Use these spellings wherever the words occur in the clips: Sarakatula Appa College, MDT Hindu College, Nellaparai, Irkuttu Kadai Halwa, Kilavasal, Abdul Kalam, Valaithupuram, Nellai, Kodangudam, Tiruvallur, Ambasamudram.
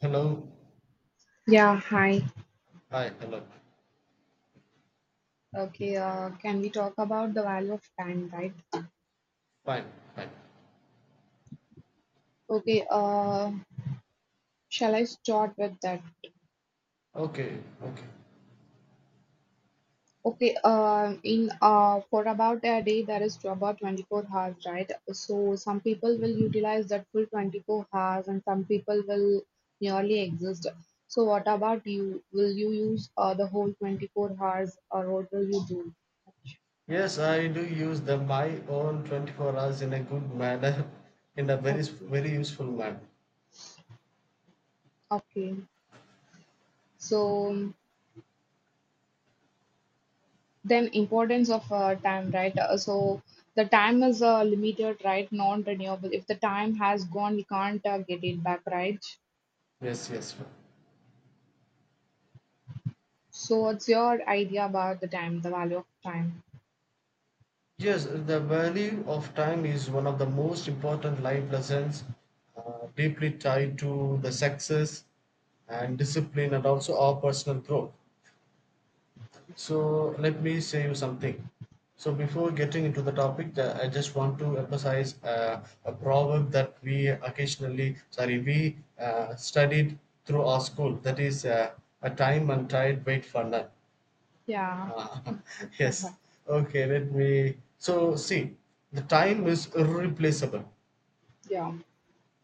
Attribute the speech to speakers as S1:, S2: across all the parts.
S1: Hello.
S2: Yeah, hi.
S1: Hi. Hello.
S2: Okay, can we talk about the value of time, right?
S1: Fine. Fine.
S2: Okay, uh, Shall I start with that?
S1: Okay. Okay.
S2: Okay, in for about a day, there is about 24 hours, right? So some people will utilize that full 24 hours, and some people will nearly exist. So what about you? Will you use the whole 24 hours, or what will you do?
S1: Yes, I do use the my own 24 hours in a good manner, in a very
S2: Okay,
S1: very useful manner.
S2: okay. So. Then importance of time, right? So the time is limited, right? Non-renewable. If the time has gone, we can't get it back, right?
S1: Yes. Yes.
S2: So what's your idea about the time, the value of time?
S1: Yes. The value of time is one of the most important life lessons, deeply tied to the success and discipline, and also our personal growth. So let me say you something. So before getting into the topic, I just want to emphasize a proverb that we we studied through our school. That is a time and tide wait for none.
S2: Yeah,
S1: Uh,
S2: uh
S1: yes. Okay. Let me. So see, the time is irreplaceable,
S2: yeah,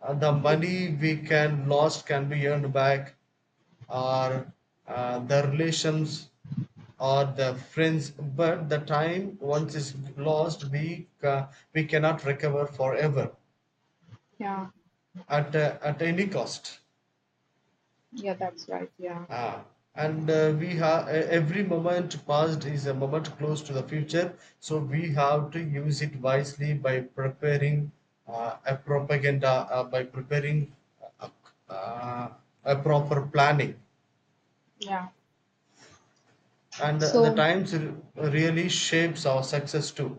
S1: the
S2: We-
S1: money we can lost can be earned back or the relations or the friends, but the time once is lost we cannot recover forever,
S2: yeah,
S1: at any cost.
S2: yeah. That's right. Yeah,
S1: Ah, and we have every moment past is a moment close to the future, so we have to use it wisely by preparing a propaganda, by preparing a, a, uh, a proper planning.
S2: yeah.
S1: And the
S2: So
S1: times really shapes our success too.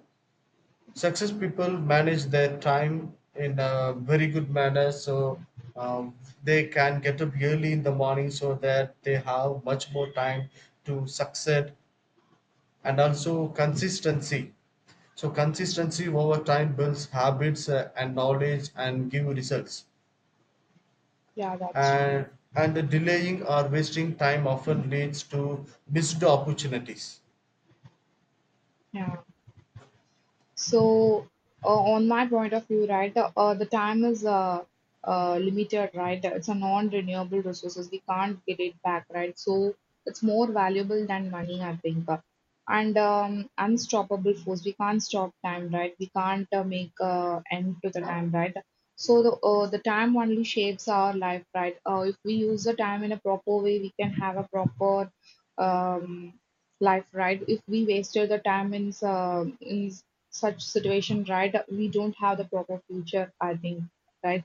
S1: Success people manage their time in a very good manner, so um, they can get up early in the morning so that they have much more time to succeed, and also consistency. So consistency over time builds habits and knowledge and give results,
S2: yeah, that's true.
S1: and and the delaying or wasting time often leads to missed opportunities.
S2: Yeah. So, on my point of view, right, the time is limited, right? It's a non-renewable resources. We can't get it back, right? So, it's more valuable than money, I think. And unstoppable force. We can't stop time, right? We can't make end to the time, right? So the time only shapes our life, right? If we use the time in a proper way, we can have a proper um, life, right? If we wasted the time in, in such situation, right? We don't have the proper future, I think, right?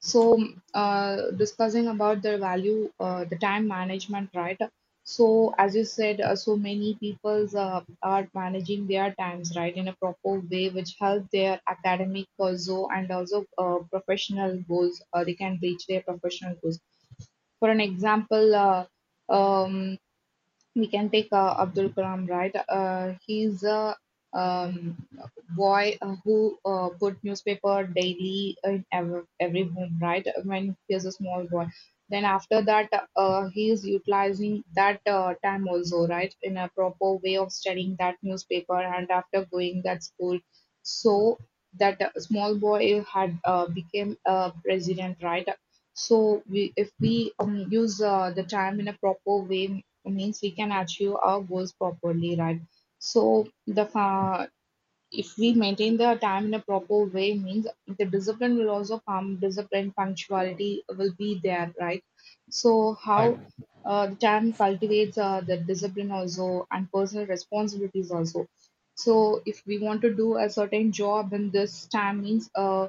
S2: So, discussing about the value, the time management, right? So, as you said, so many people's are managing their times, right, in a proper way, which help their academic also and also professional goals. They can reach their professional goals. For an example, um, we can take Abdul Kalam, right? He's a um, boy who put newspaper daily in every home, right? When he was a small boy. Then after that, he is utilizing that time also, right? In a proper way of studying that newspaper and after going that school. So that small boy had became a president, right? So we, if we use the time in a proper way, means we can achieve our goals properly, right? So the fa- if we maintain the time in a proper way means the discipline will also come, discipline, punctuality will be there, right? So how
S1: Fine.
S2: the time cultivates the discipline also and personal responsibilities also. So if we want to do a certain job in this time means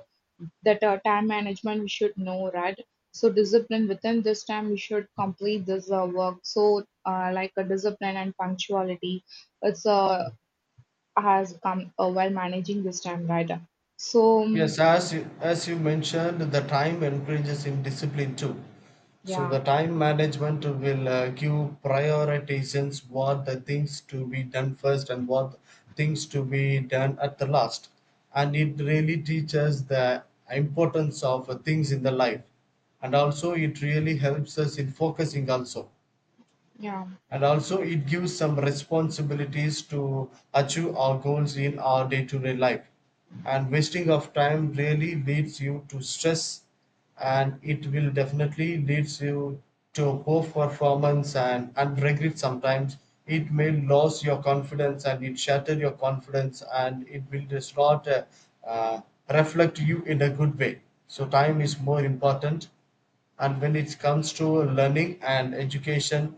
S2: that time management we should know, right? So discipline, within this time we should complete this work, so like a discipline and punctuality, it's has come while managing this time, right? So
S1: Yes, as you mentioned, the time encourages in discipline too. So
S2: yeah,
S1: the time management will give prioritizations, what the things to be done first and what things to be done at the last. And it really teaches the importance of things in the life. And also it really helps us in focusing also,
S2: yeah,
S1: and also it gives some responsibilities to achieve our goals in our day-to-day life, and wasting of time really leads you to stress, and it will definitely leads you to poor performance and regret. Sometimes it may lose your confidence and it shatter your confidence, and it will just not uh, reflect you in a good way. So time is more important, and when it comes to learning and education,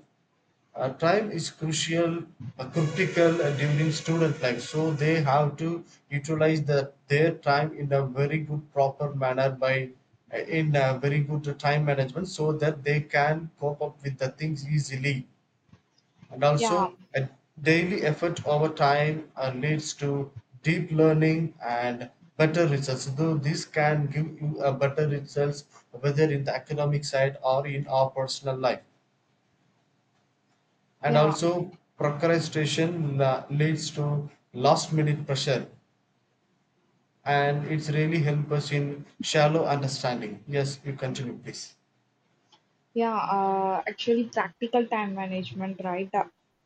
S1: time is crucial, critical during student life, so they have to utilize their time in a very good, proper manner by in a very good time management, so that they can cope up with the things easily. And
S2: yeah,
S1: also, a daily effort over time leads to deep learning and better results. Though this can give you a better results, whether in the academic side or in our personal life, and
S2: yeah.
S1: also procrastination leads to last minute pressure, and it's really help us in shallow understanding. Yes, you continue, please.
S2: Yeah, actually, practical time management, right? Uh,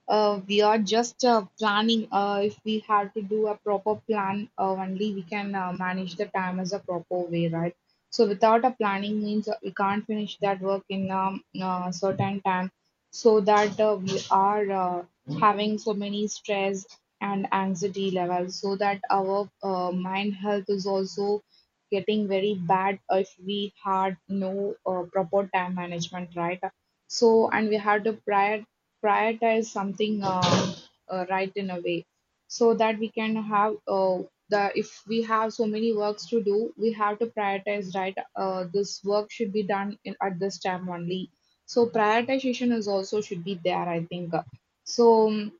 S2: uh, We are just planning. If we had to do a proper plan, only we can manage the time as a proper way, right? So, without a planning means we can't finish that work in certain time. So that we are having so many stress and anxiety levels. So that our mind health is also getting very bad if we had no proper time management, right? So, and we have to prioritize something, right, in a way so that we can have the if we have so many works to do, we have to prioritize, right? This work should be done in, at this time only. So, prioritization is also should be there, I think. So, um,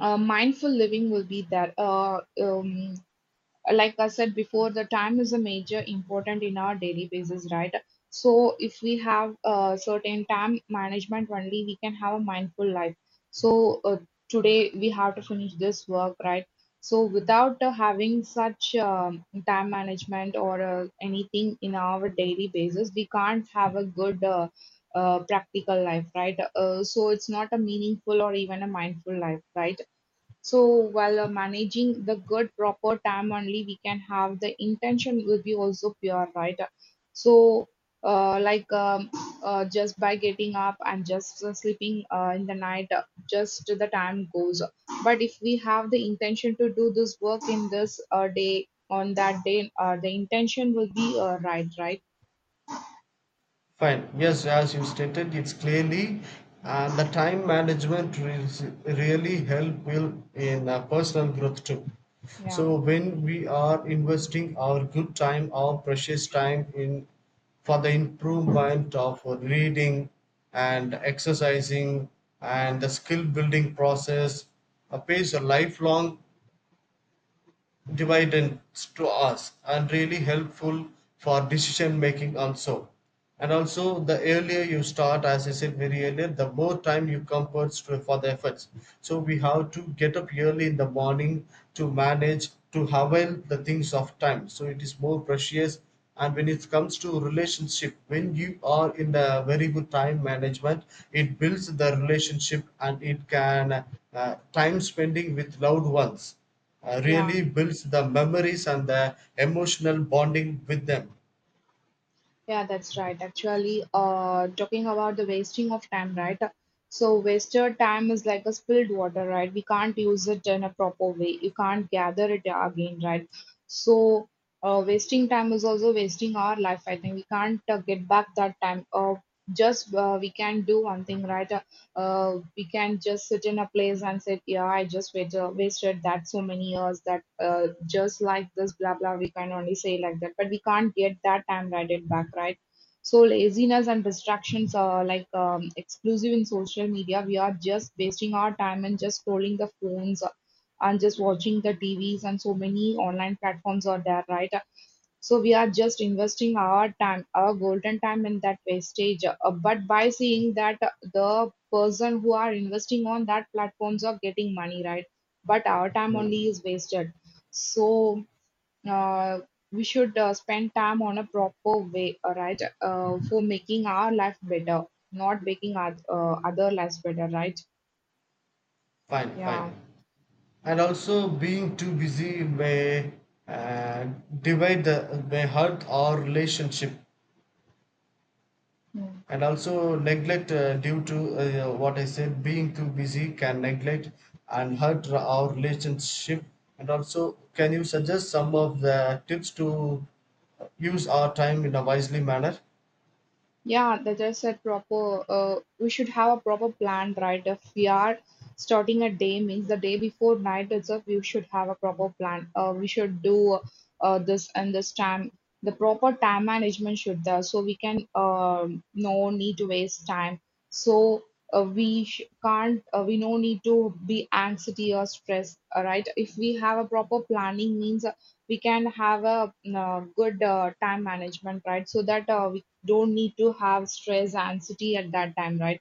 S2: uh, mindful living will be there. Like I said before, the time is a major important in our daily basis, right? So if we have a certain time management only, we can have a mindful life. So today we have to finish this work, right? So without having such time management or anything in our daily basis, we can't have a good practical life, right? So it's not a meaningful or even a mindful life, right? So while managing the good proper time only, we can have the intention will be also pure, right? So uh, like um, just by getting up and just sleeping in the night, just the time goes. But if we have the intention to do this work in this day on that day, the intention will be right, right?
S1: Fine. Yes, as you stated, it's clearly the time management really help will in personal growth too.
S2: Yeah,
S1: So when we are investing our good time, our precious time in for the improvement of reading and exercising and the skill building process, pays a lifelong dividends to us, and really helpful for decision making also. And also the earlier you start, as I said, very earlier, the more time you compass to, for the efforts, so we have to get up early in the morning to manage to avail the things of time, so it is more precious. And when it comes to relationship, when you are in the very good time management, it builds the relationship, and it can, time spending with loved ones
S2: yeah.
S1: really builds the memories and the emotional bonding with them.
S2: Yeah, that's right. Actually, talking about the wasting of time, right? So, wasted time is like a spilled water, right? We can't use it in a proper way. You can't gather it again, right? So, wasting time is also wasting our life. I think we can't get back that time. Just We can do one thing, right? We can just sit in a place and say, yeah, I just wait, wasted that so many years that just like this, blah, blah, we can only say like that. But we can't get that time right back, right? So laziness and distractions are like exclusive in social media. We are just wasting our time and just scrolling the phones and just watching the TVs and so many online platforms are there, right? So we are just investing our time, our golden time in that wastage. But by seeing that the person who are investing on that platforms are getting money, right? But our time only
S1: Hmm.
S2: is wasted. So uh, we should spend time on a proper way, right? For making our life better, not making our, other lives better, right?
S1: Fine, fine.
S2: Yeah.
S1: And also, being too busy may uh, divide the, may hurt our relationship. And also, neglect due to what I said, being too busy can neglect and hurt our relationship. And also, can you suggest some of the tips to use our time in a wisely manner?
S2: Yeah, that is a proper. We should have a proper plan, right? If we are starting a day, means the day before night itself, we should have a proper plan. We should do this and this time. The proper time management should there, so we can no need to waste time. So we sh can't. We no need to be anxiety or stress, right? If we have a proper planning, means we can have a good time management, right? So that don't need to have stress, anxiety at that time, right?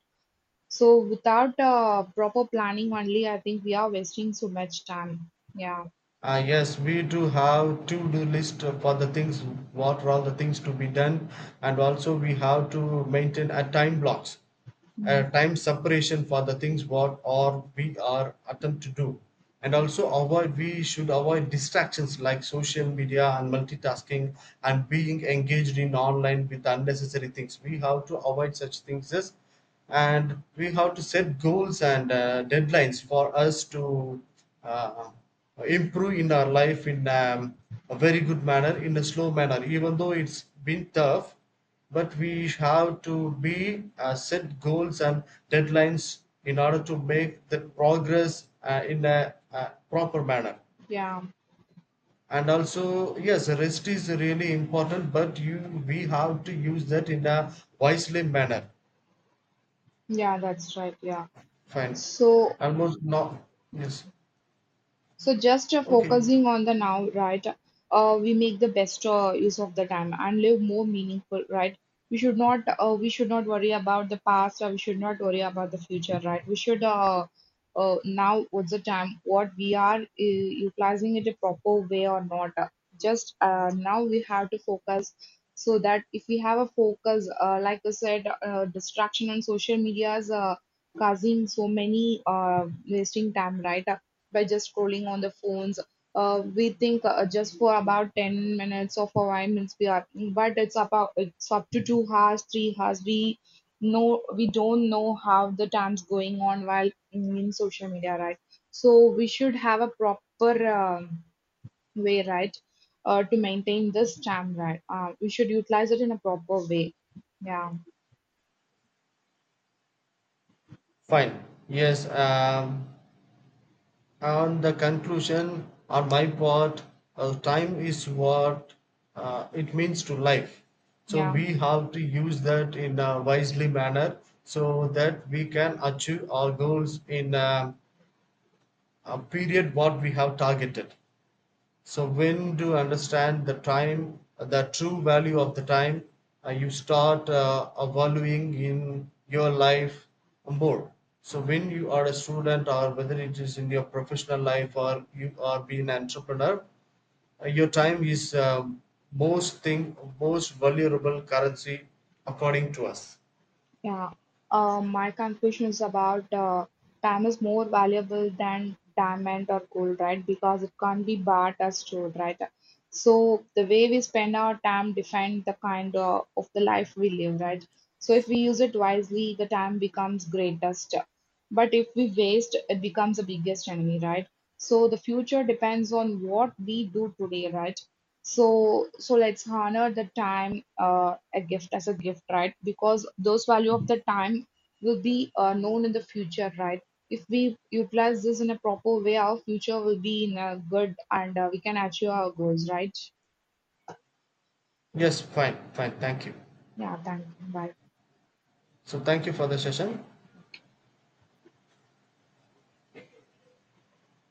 S2: So without proper planning only, I think we are wasting so much time. Yeah.
S1: Ah yes, we do have to-do list for the things, what are all the things to be done, and also we have to maintain a time blocks,
S2: Mm.
S1: time separation for the things what or we are attempt to do, and also avoid, we should avoid distractions like social media and multitasking, and being engaged in online with unnecessary things we have to avoid such things as. And we have to set goals and deadlines for us to uh, improve in our life in a very good manner, in a slow manner, even though it's been tough, but we have to be set goals and deadlines in order to make the progress in a, proper manner.
S2: Yeah,
S1: And also, yes, rest is really important, but you we have to use that in a wisely manner.
S2: yeah, that's right. Yeah.
S1: Fine.
S2: So,
S1: Almost not. Yes.
S2: so just
S1: Okay.
S2: focusing on the now, right? We make the best use of the time and live more meaningful, right? We should not worry about the past or we should not worry about the future, right? We should now what's the time? What we are utilizing it a proper way or not? Just Now we have to focus, so that if we have a focus, like I said, distraction on social medias. Causing so many wasting time, right, by just scrolling on the phones. We think just for about 10 minutes or for 5 minutes we are, but it's about it's up to 2 hours, 3 hours. We don't know how the time's going on while in social media, right? So we should have a proper um, way, right, to maintain this time, right? We should utilize it in a proper way. Yeah,
S1: Fine. Yes. And the conclusion, on my part, time is what it means to life. So
S2: yeah.
S1: we have to use that in a wisely manner so that we can achieve our goals in a period what we have targeted. So when to understand the time, the true value of the time, you start valuing in your life more. So when you are a student or whether it is in your professional life or you are being an entrepreneur, your time is most thing, most valuable currency according to us.
S2: Yeah. My conclusion is about time is more valuable than diamond or gold, right? Because it can't be bought or stored, right? So the way we spend our time defines the kind of the life we live, right? So if we use it wisely, the time becomes greatest. But if we waste, it becomes the biggest enemy, right? So the future depends on what we do today, right? So, so let's honor the time, a gift as a gift, right? Because those value of the time will be known in the future, right? If we utilize this in a proper way, our future will be in a good and we can achieve our goals, right?
S1: Yes, fine, fine. Thank you.
S2: Yeah, thank you. Bye.
S1: So thank you for the session.